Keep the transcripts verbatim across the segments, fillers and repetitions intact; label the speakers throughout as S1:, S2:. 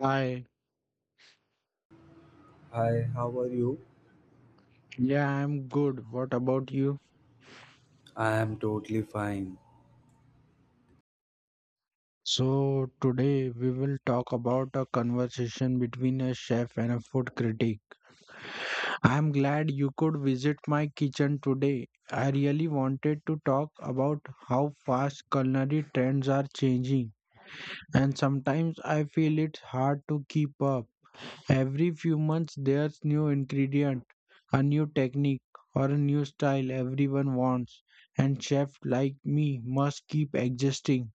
S1: Hi,
S2: Hi, how are you?
S1: yeah, I'm good. What about you?
S2: I am totally fine.
S1: So, today we will talk about a conversation between a chef and a food critic. I'm glad you could visit my kitchen today. I really wanted to talk about how fast culinary trends are changing, and sometimes I feel it's hard to keep up. Every few months, there's new ingredient, a new technique, or a new style everyone wants, and chefs like me must keep adjusting.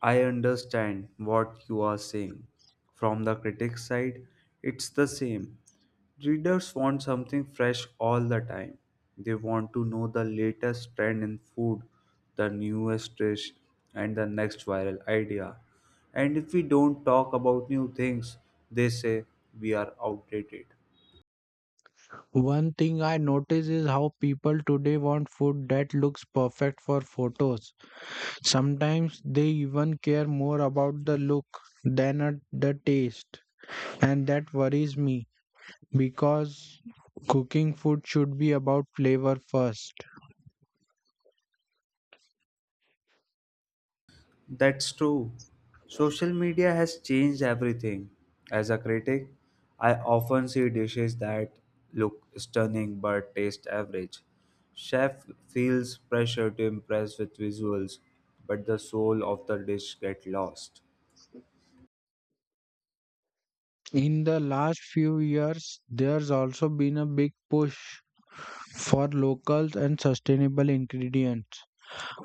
S2: I understand what you are saying. From the critic's side, it's the same. Readers want something fresh all the time. They want to know the latest trend in food, the newest dish, and the next viral idea. And if we don't talk about new things, they say we are outdated.
S1: One thing I notice is how people today want food that looks perfect for photos. Sometimes they even care more about the look than at the taste, and that worries me because cooking food should be about flavor first.
S2: That's true. Social media has changed everything. As a critic, I often see dishes that look stunning but taste average. Chef feels pressure to impress with visuals, but the soul of the dish gets lost.
S1: In the last few years, there's also been a big push for locals and sustainable ingredients.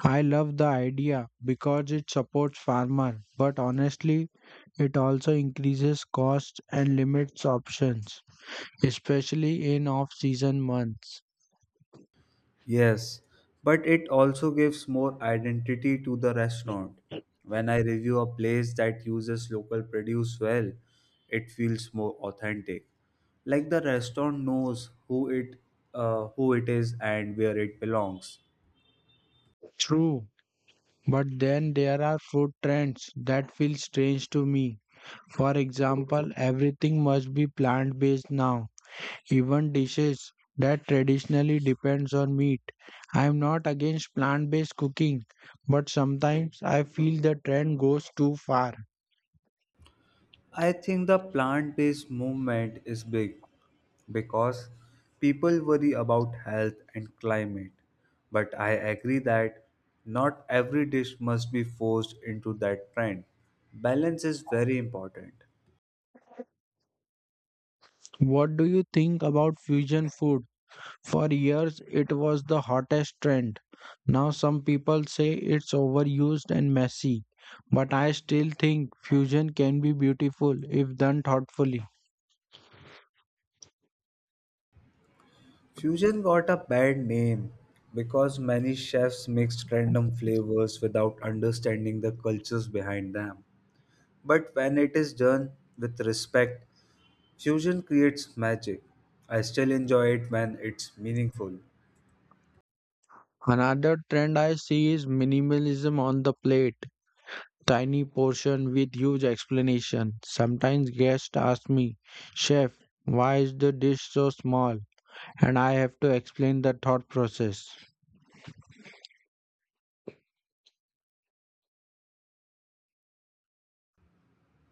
S1: I love the idea because it supports farmer, but honestly, it also increases costs and limits options, especially in off-season months.
S2: Yes, but it also gives more identity to the restaurant. When I review a place that uses local produce well, it feels more authentic. Like the restaurant knows who it uh, who it is and where it belongs.
S1: True, but then there are food trends that feel strange to me. For example, everything must be plant-based now. Even dishes that traditionally depends on meat. I am not against plant-based cooking, but sometimes I feel the trend goes too far.
S2: I think the plant based movement is big because people worry about health and climate. But I agree that not every dish must be forced into that trend. Balance is very important.
S1: What do you think about fusion food? For years it was the hottest trend. Now some people say it's overused and messy, but I still think fusion can be beautiful if done thoughtfully.
S2: Fusion got a bad name because many chefs mixed random flavors without understanding the cultures behind them. But when it is done with respect, fusion creates magic. I still enjoy it when it's meaningful.
S1: Another trend I see is minimalism on the plate. Tiny portion with huge explanation. Sometimes guests ask me, "Chef, why is the dish so small?" And I have to explain the thought process.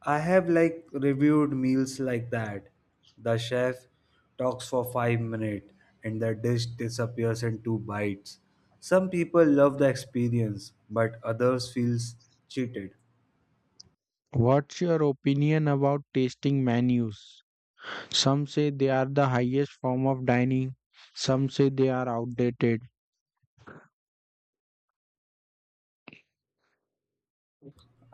S2: I have like reviewed meals like that. The chef talks for five minutes and the dish disappears in two bites. Some people love the experience but others feels cheated.
S1: What's your opinion about tasting menus? Some say they are the highest form of dining, some say they are outdated.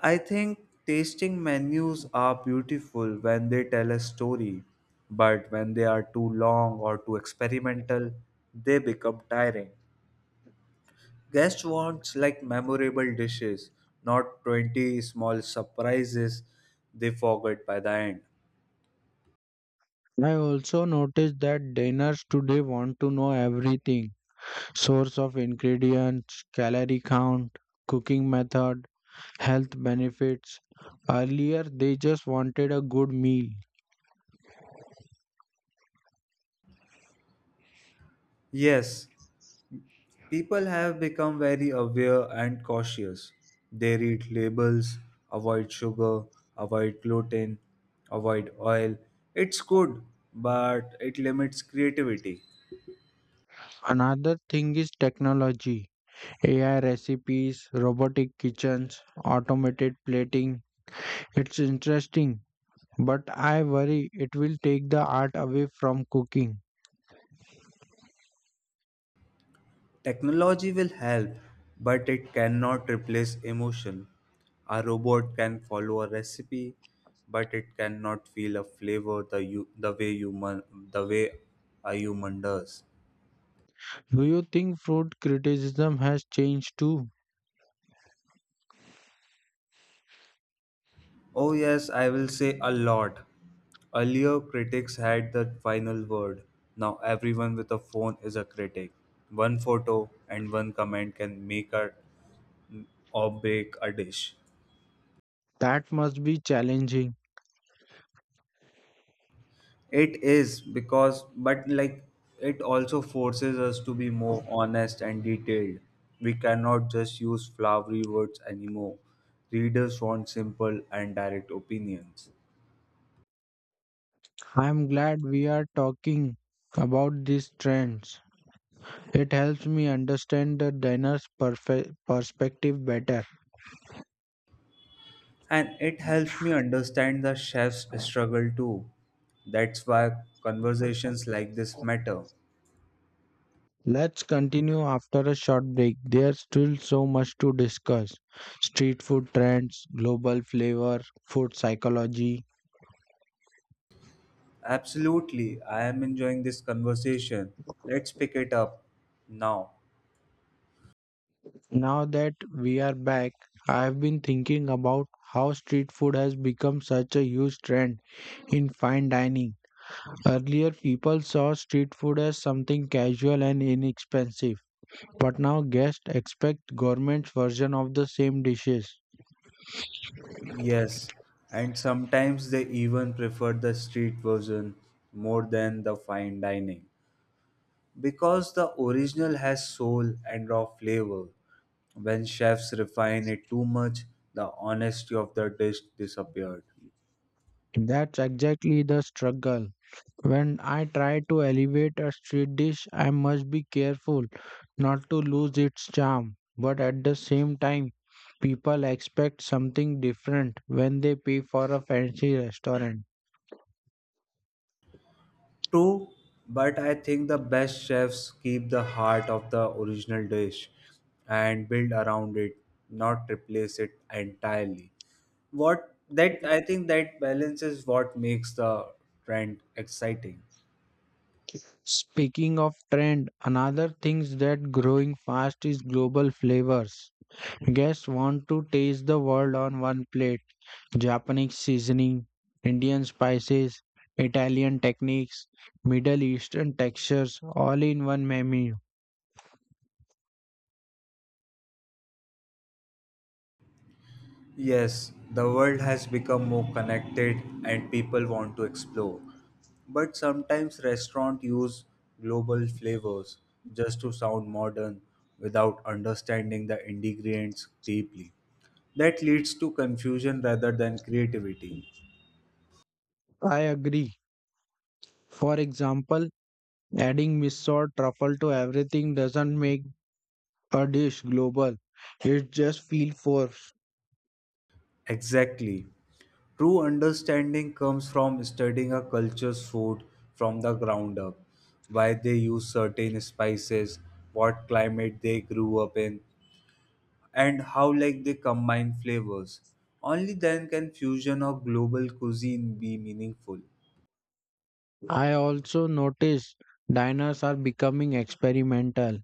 S2: I think tasting menus are beautiful when they tell a story, but when they are too long or too experimental, they become tiring. Guests wants like memorable dishes, not twenty small surprises they forget by the end.
S1: I also noticed that diners today want to know everything: source of ingredients, calorie count, cooking method, health benefits. Earlier, they just wanted a good meal.
S2: Yes, people have become very aware and cautious. They read labels, avoid sugar, avoid gluten, avoid oil. It's good, but it limits creativity.
S1: Another thing is technology. A I recipes, robotic kitchens, automated plating. It's interesting, but I worry it will take the art away from cooking.
S2: Technology will help, but it cannot replace emotion. A robot can follow a recipe, but it cannot feel a flavor the you, the way human the way a human does.
S1: Do you think food criticism has changed too?
S2: Oh yes, I will say a lot. Earlier critics had the final word. Now everyone with a phone is a critic. One photo and one comment can make a or break a dish.
S1: That must be challenging.
S2: It is because, but like, It also forces us to be more honest and detailed. We cannot just use flowery words anymore. Readers want simple and direct opinions.
S1: I'm glad we are talking about these trends. It helps me understand the diner's perfe- perspective better.
S2: And it helps me understand the chef's struggle too. That's why conversations like this matter.
S1: Let's continue after a short break. There's still so much to discuss: street food trends, global flavor, food psychology.
S2: Absolutely, I am enjoying this conversation. Let's pick it up now.
S1: Now that we are back, I've been thinking about how street food has become such a huge trend in fine dining. Earlier, people saw street food as something casual and inexpensive, but now guests expect government's version of the same dishes.
S2: Yes, and sometimes they even prefer the street version more than the fine dining because the original has soul and raw flavor. When chefs refine it too much, the honesty of the dish disappeared.
S1: That's exactly the struggle. When I try to elevate a street dish, I must be careful not to lose its charm. But at the same time, people expect something different when they pay for a fancy restaurant.
S2: True, but I think the best chefs keep the heart of the original dish and build around it, not replace it entirely. What that I think that balance is what makes the trend exciting.
S1: Speaking of trend, another things that growing fast is global flavors. Guests want to taste the world on one plate. Japanese seasoning, Indian spices, Italian techniques, Middle Eastern textures all in one menu.
S2: Yes, the world has become more connected and people want to explore. But sometimes restaurants use global flavors just to sound modern without understanding the ingredients deeply. That leads to confusion rather than creativity.
S1: I agree. For example, adding miso or truffle to everything doesn't make a dish global. It just feels forced.
S2: Exactly. True understanding comes from studying a culture's food from the ground up, why they use certain spices, what climate they grew up in, and how like they combine flavors. Only then can fusion or global cuisine be meaningful.
S1: I also noticed diners are becoming experimental.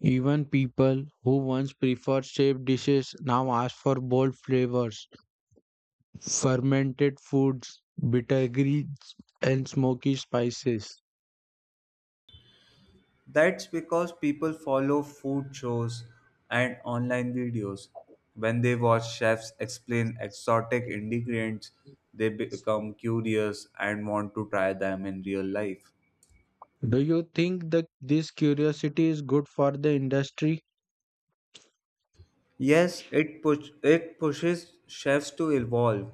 S1: Even people who once preferred shaped dishes now ask for bold flavors, fermented foods, bitter greens, and smoky spices.
S2: That's because people follow food shows and online videos. When they watch chefs explain exotic ingredients, they become curious and want to try them in real life.
S1: Do you think that this curiosity is good for the industry?
S2: Yes, it push it pushes chefs to evolve,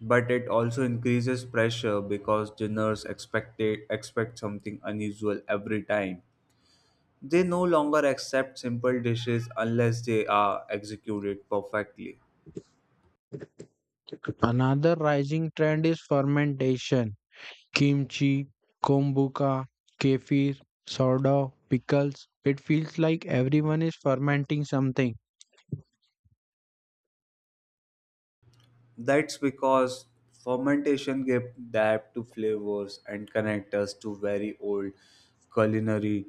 S2: but it also increases pressure because dinners expect expect something unusual every time. They no longer accept simple dishes unless they are executed perfectly.
S1: Another rising trend is fermentation. Kimchi, kombucha, kefir, sourdough, pickles. It feels like everyone is fermenting something.
S2: That's because fermentation gave depth to flavors and connect us to very old culinary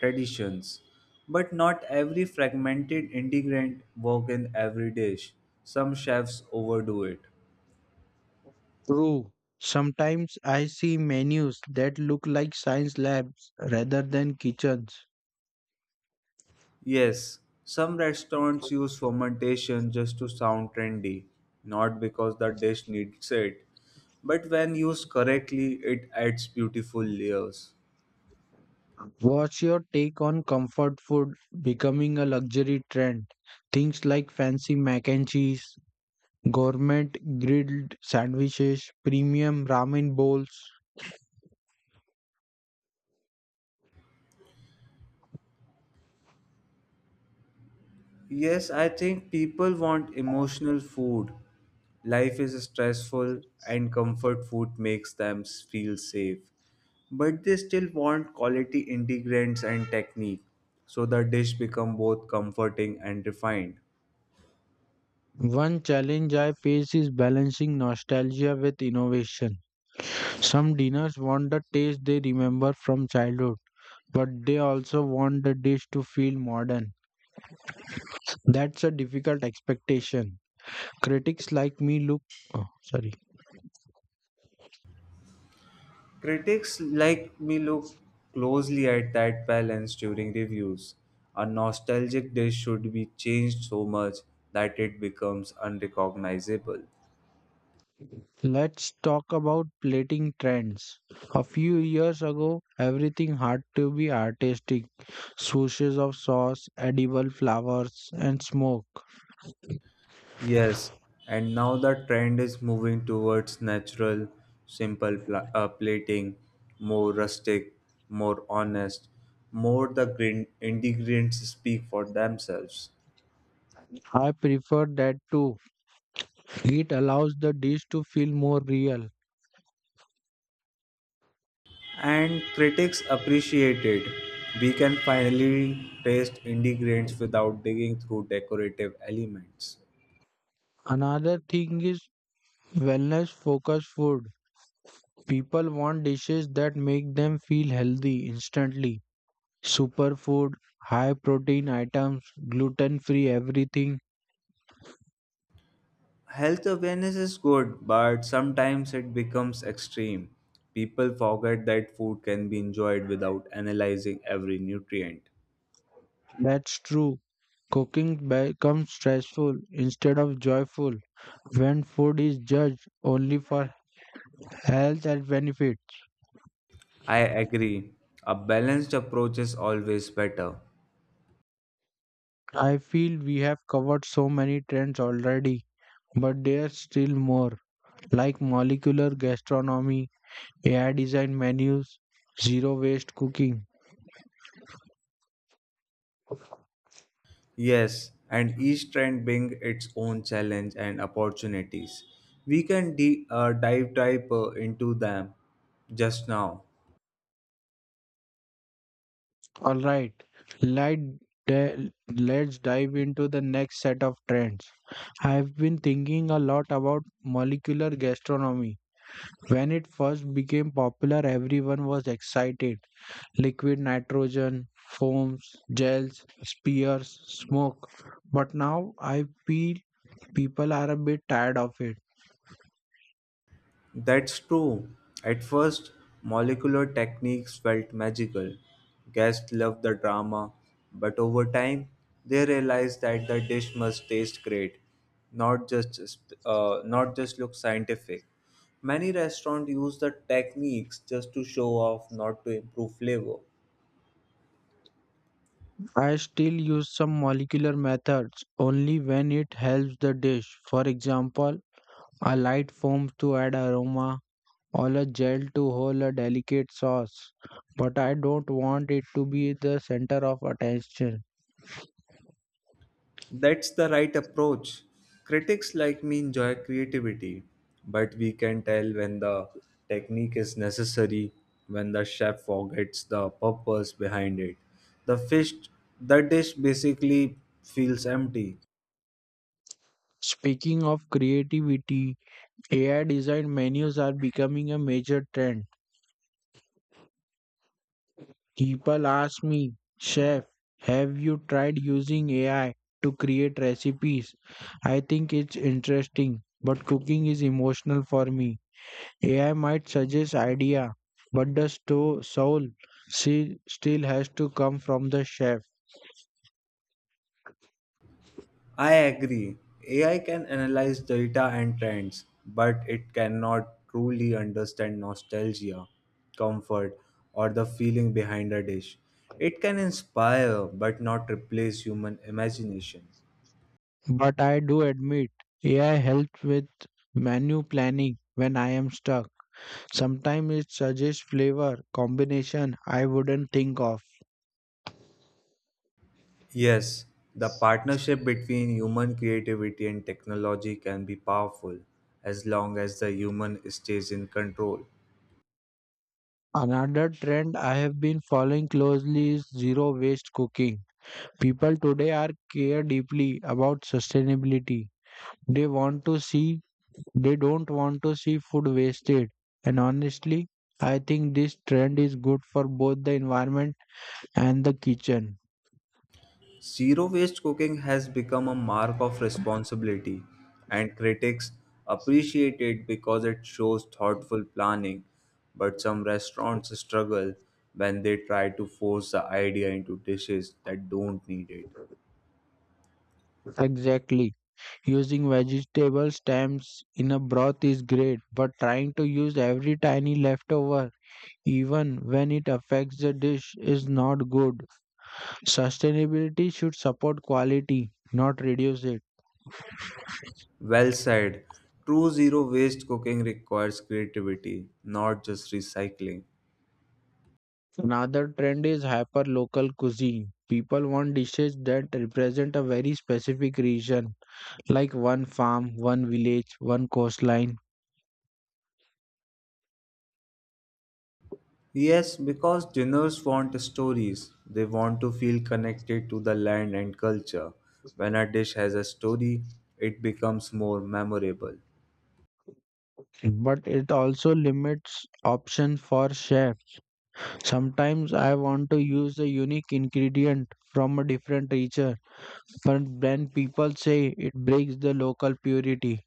S2: traditions. But not every fragmented ingredient work in every dish. Some chefs overdo it.
S1: True. Sometimes I see menus that look like science labs rather than kitchens.
S2: Yes, some restaurants use fermentation just to sound trendy, not because the dish needs it. But when used correctly, it adds beautiful layers.
S1: What's your take on comfort food becoming a luxury trend? Things like fancy mac and cheese, gourmet grilled sandwiches, premium ramen bowls.
S2: Yes, I think people want emotional food. Life is stressful, and comfort food makes them s- feel safe. But they still want quality ingredients and technique, so the dish become both comforting and refined.
S1: One challenge I face is balancing nostalgia with innovation. Some dinners want the taste they remember from childhood, but they also want the dish to feel modern. That's a difficult expectation. Critics like me look. Oh, sorry.
S2: Critics like me look closely at that balance during reviews. A nostalgic dish should be changed so much that it becomes unrecognizable.
S1: Let's talk about plating trends. A few years ago, everything had to be artistic: swooshes of sauce, edible flowers, and smoke.
S2: Yes, and now the trend is moving towards natural, simple pla- uh, plating, more rustic, more honest, more the green- ingredients speak for themselves.
S1: I prefer that too. It allows the dish to feel more real.
S2: And critics appreciate it. We can finally taste ingredients without digging through decorative elements.
S1: Another thing is wellness focused food. People want dishes that make them feel healthy instantly. Superfood, high protein items, gluten free everything.
S2: Health awareness is good, but sometimes it becomes extreme. People forget that food can be enjoyed without analyzing every nutrient.
S1: That's true. Cooking becomes stressful instead of joyful when food is judged only for health and benefit.
S2: I agree. A balanced approach is always better.
S1: I feel we have covered so many trends already, but there's still more, like molecular gastronomy, A I designed menus, zero waste cooking.
S2: Yes, and each trend brings its own challenge and opportunities. We can de- uh, dive deeper into them just now.
S1: All right, let di- let's dive into the next set of trends. I've been thinking a lot about molecular gastronomy. When it first became popular, everyone was excited. Liquid nitrogen, foams, gels, spears, smoke. But now I feel people are a bit tired of it.
S2: That's true. At first, molecular techniques felt magical. Guests loved the drama, but over time, they realized that the dish must taste great, not just sp- uh, not just look scientific. Many restaurants use the techniques just to show off, not to improve flavor.
S1: I still use some molecular methods only when it helps the dish. For example, a light foam to add aroma or a gel to hold a delicate sauce, but I don't want it to be the center of attention.
S2: That's the right approach. Critics like me enjoy creativity, but we can tell when the technique is necessary, when the chef forgets the purpose behind it. The fish, the dish basically feels empty.
S1: Speaking of creativity, A I designed menus are becoming a major trend. People ask me, "Chef, have you tried using A I to create recipes?" I think it's interesting, but cooking is emotional for me. A I might suggest idea, but the sto- soul she still has to come from the chef.
S2: I agree. A I can analyze data and trends, but it cannot truly understand nostalgia, comfort, or the feeling behind a dish. It can inspire, but not replace human imagination.
S1: But I do admit, A I helps with menu planning when I am stuck. Sometimes it suggests flavor combination I wouldn't think of.
S2: Yes, the partnership between human creativity and technology can be powerful as long as the human stays in control.
S1: Another trend I have been following closely is zero waste cooking. People today are care deeply about sustainability. They want to see they don't want to see food wasted. And honestly, I think this trend is good for both the environment and the kitchen.
S2: Zero waste cooking has become a mark of responsibility, and critics appreciate it because it shows thoughtful planning. But some restaurants struggle when they try to force the idea into dishes that don't need it.
S1: Exactly. Using vegetable stems in a broth is great, but trying to use every tiny leftover even when it affects the dish is not good. Sustainability should support quality, not reduce it.
S2: Well said. True zero waste cooking requires creativity, not just recycling.
S1: Another trend is hyper local cuisine. People want dishes that represent a very specific region, like one farm, one village, one coastline.
S2: Yes, because dinners want stories. They want to feel connected to the land and culture. When a dish has a story, it becomes more memorable.
S1: But it also limits options for chef. Sometimes I want to use a unique ingredient from a different region, but then people say it breaks the local purity.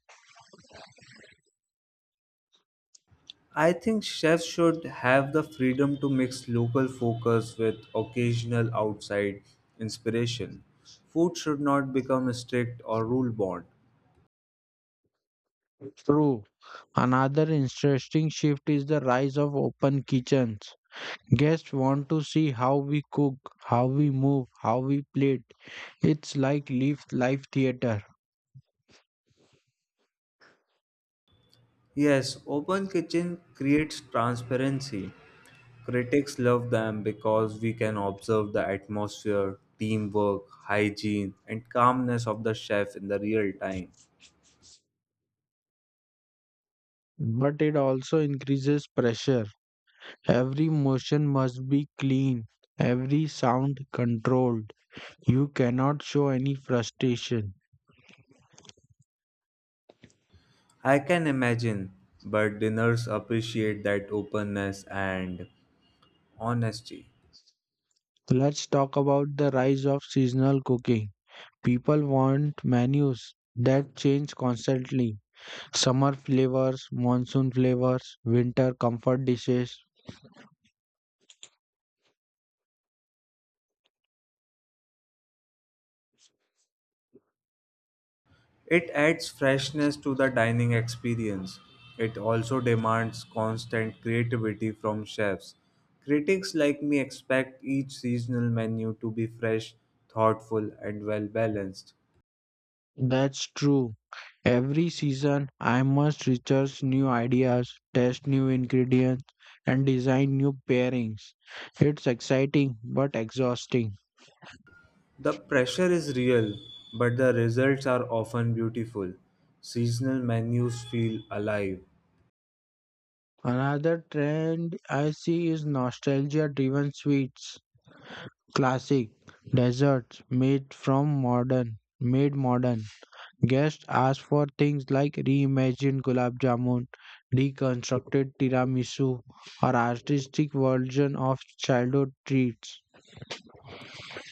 S2: I think chefs should have the freedom to mix local focus with occasional outside inspiration. Food should not become strict or rule bound.
S1: True. Another interesting shift is the rise of open kitchens. Guests want to see how we cook, how we move, how we plate. It's like live live theater,
S2: Yes, open kitchen creates transparency. Critics love them because we can observe the atmosphere, teamwork, hygiene, and calmness of the chef in the real time.
S1: but it also increases pressure. Every motion must be clean, every sound controlled. You cannot show any frustration.
S2: I can imagine, but dinners appreciate that openness and honesty.
S1: Let's talk about the rise of seasonal cooking. People want menus that change constantly. Summer flavors, monsoon flavors, winter comfort dishes.
S2: It adds freshness to the dining experience. It also demands constant creativity from chefs. Critics like me expect each seasonal menu to be fresh, thoughtful, and well balanced.
S1: That's true. Every season, I must research new ideas, test new ingredients, and design new pairings. It's exciting but exhausting.
S2: The pressure is real, but the results are often beautiful. Seasonal menus feel alive.
S1: Another trend I see is nostalgia driven sweets, classic desserts made from modern, made modern. Guests asked for things like reimagined gulab jamun, deconstructed tiramisu, or artistic version of childhood treats.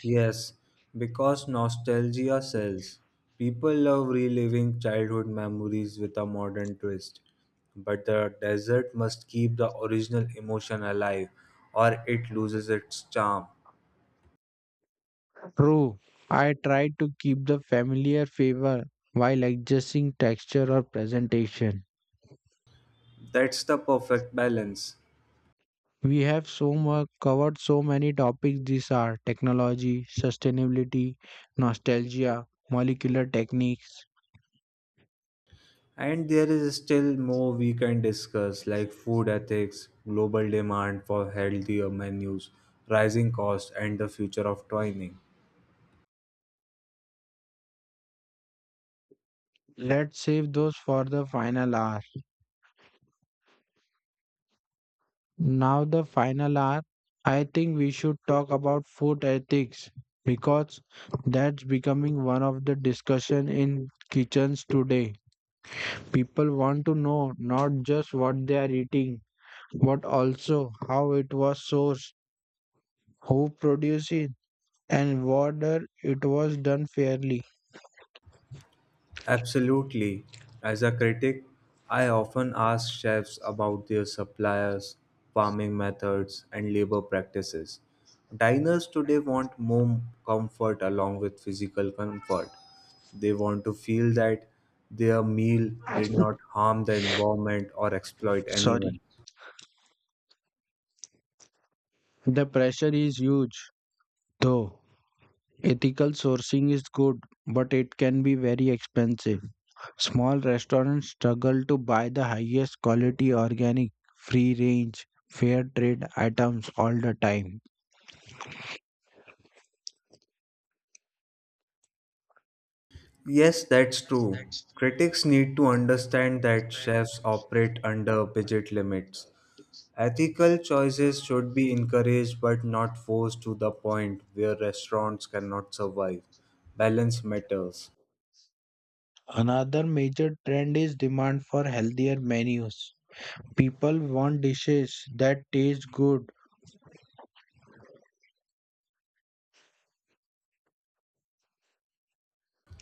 S2: Yes, because nostalgia sells. People love reliving childhood memories with a modern twist. But the dessert must keep the original emotion alive, or it loses its charm.
S1: True, I tried to keep the familiar flavor while adjusting texture or presentation.
S2: That's the perfect balance.
S1: We have so much covered so many topics. These are technology, sustainability, nostalgia, molecular techniques.
S2: And there is still more we can discuss, like food ethics, global demand for healthier menus, rising costs, and the future of dining.
S1: Let's save those for the final hour. Now, the final hour, I think we should talk about food ethics because that's becoming one of the discussion in kitchens today. People want to know not just what they are eating, but also how it was sourced, who produced it, and whether it was done fairly.
S2: Absolutely. As a critic, I often ask chefs about their suppliers, farming methods, and labor practices. Diners today want more comfort along with physical comfort. They want to feel that their meal did not harm the environment or exploit
S1: Sorry.
S2: anyone.
S1: The pressure is huge, though. Ethical sourcing is good, but it can be very expensive. Small restaurants struggle to buy the highest quality organic, free range, fair trade items all the time.
S2: Yes, that's true. Critics need to understand that chefs operate under budget limits. Ethical choices should be encouraged but not forced to the point where restaurants cannot survive. Balance matters.
S1: Another major trend is demand for healthier menus. People want dishes that taste good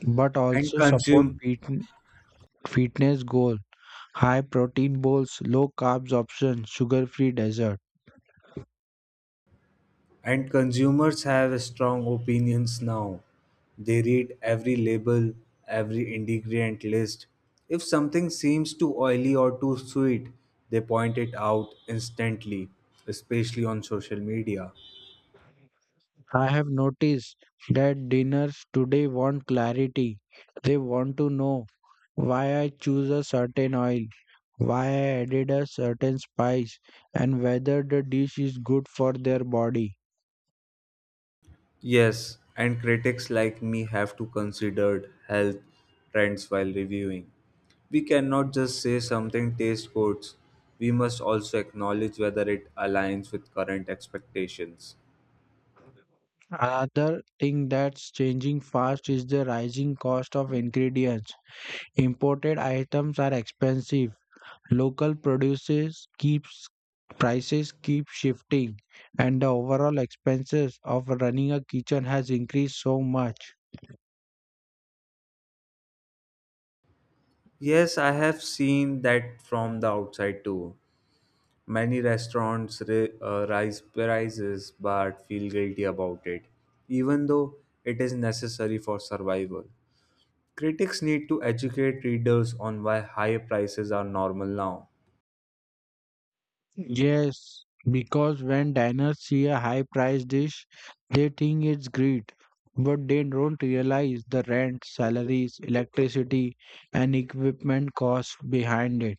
S1: but
S2: And
S1: also support
S2: consume
S1: fit- fitness goal. High protein bowls, low carbs options, sugar-free desserts.
S2: And consumers have strong opinions now. They read every label, every ingredient list. If something seems too oily or too sweet, they point it out instantly, especially on social media.
S1: I have noticed that dinners today want clarity. They want to know why I choose a certain oil, why I added a certain spice, and whether the dish is good for their body.
S2: Yes, and critics like me have to consider health trends while reviewing. We cannot just say something tastes good. We must also acknowledge whether it aligns with current expectations.
S1: Another thing that's changing fast is the rising cost of ingredients. Imported items are expensive. Local produces keeps prices keep shifting and the overall expenses of running a kitchen has increased so much.
S2: Yes, I have seen that from the outside too. Many restaurants ra- uh, raise prices but feel guilty about it, even though it is necessary for survival. Critics need to educate readers on why high prices are normal now.
S1: Yes, because when diners see a high priced dish, they think it's greed, but they don't realize the rent, salaries, electricity, and equipment costs behind it.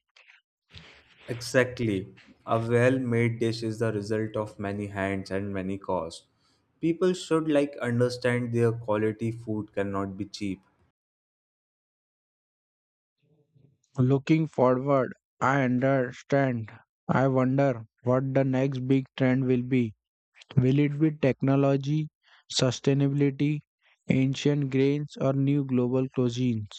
S2: Exactly. A well made dish is the result of many hands and many costs. People should like understand their quality food cannot be cheap.
S1: Looking forward, I understand. I wonder what the next big trend will be. Will it be technology, sustainability, ancient grains, or new global cuisines?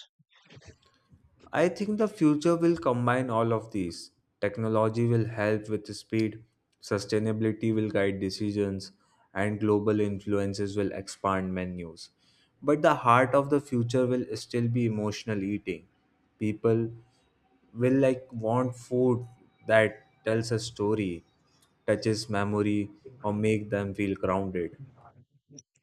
S2: I think the future will combine all of these. Technology will help with speed, sustainability will guide decisions, and global influences will expand menus. But the heart of the future will still be emotional eating. People will like want food that tells a story, touches memory, or make them feel grounded.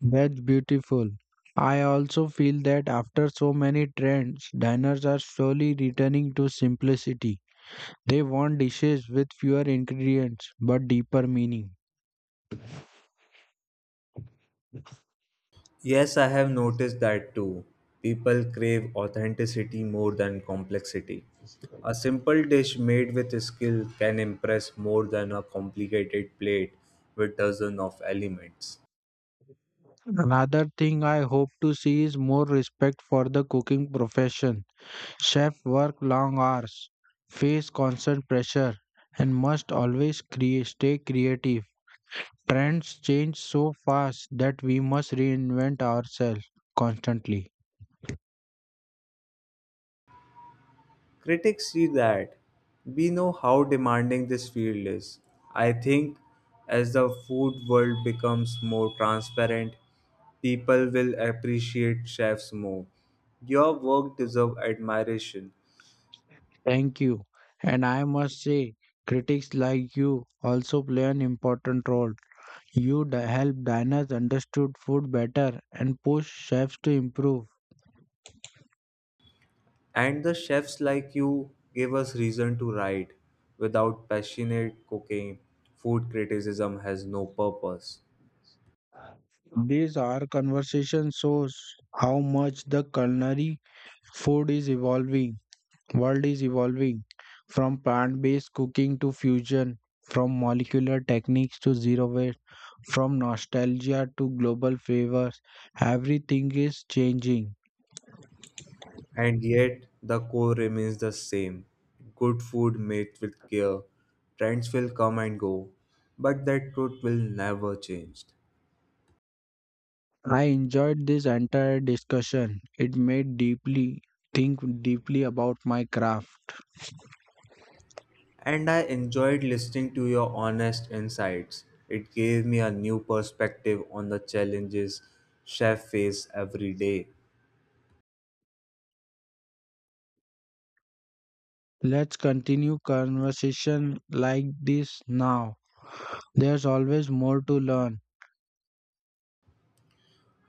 S1: That's beautiful. I also feel that after so many trends, diners are slowly returning to simplicity. They want dishes with fewer ingredients but deeper meaning.
S2: Yes, I have noticed that too. People crave authenticity more than complexity. A simple dish made with skill can impress more than a complicated plate with dozens of elements.
S1: Another thing I hope to see is more respect for the cooking profession. Chefs work long hours, face constant pressure, and must always crea- stay creative. Trends change so fast that we must reinvent ourselves constantly.
S2: Critics see that. We know how demanding this field is. I think as the food world becomes more transparent, people will appreciate chefs more. Your work deserves admiration,
S1: Thank you. And I must say, critics like you also play an important role. You d- help diners understood food better and push chefs to improve.
S2: and the chefs like you gave us reason to write. Without passionate cooking, food criticism has no purpose.
S1: These our conversation shows how much the culinary food is evolving, world is evolving, from plant-based cooking to fusion, from molecular techniques to zero waste, from nostalgia to global favors. Everything is changing.
S2: And yet, the core remains the same good food made with care. Trends will come and go, but that truth will never change.
S1: I enjoyed this entire discussion. It made deeply think deeply about my craft.
S2: And I enjoyed listening to your honest insights. It gave me a new perspective on the challenges chefs face every day.
S1: Let's continue conversation like this now. There's always more to learn.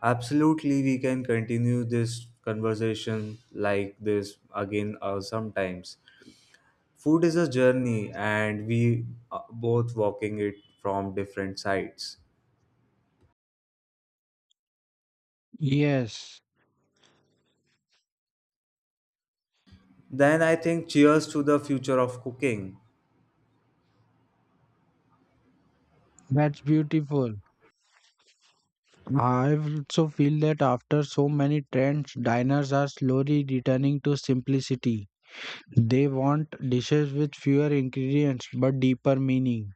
S2: Absolutely, we can continue this conversation like this again uh, sometimes. Food is a journey, and we are both walking it from different sides.
S1: Yes,
S2: Then I think cheers to the future of cooking.
S1: that's beautiful. I also feel that after so many trends, diners are slowly returning to simplicity. They want dishes with fewer ingredients but deeper meaning.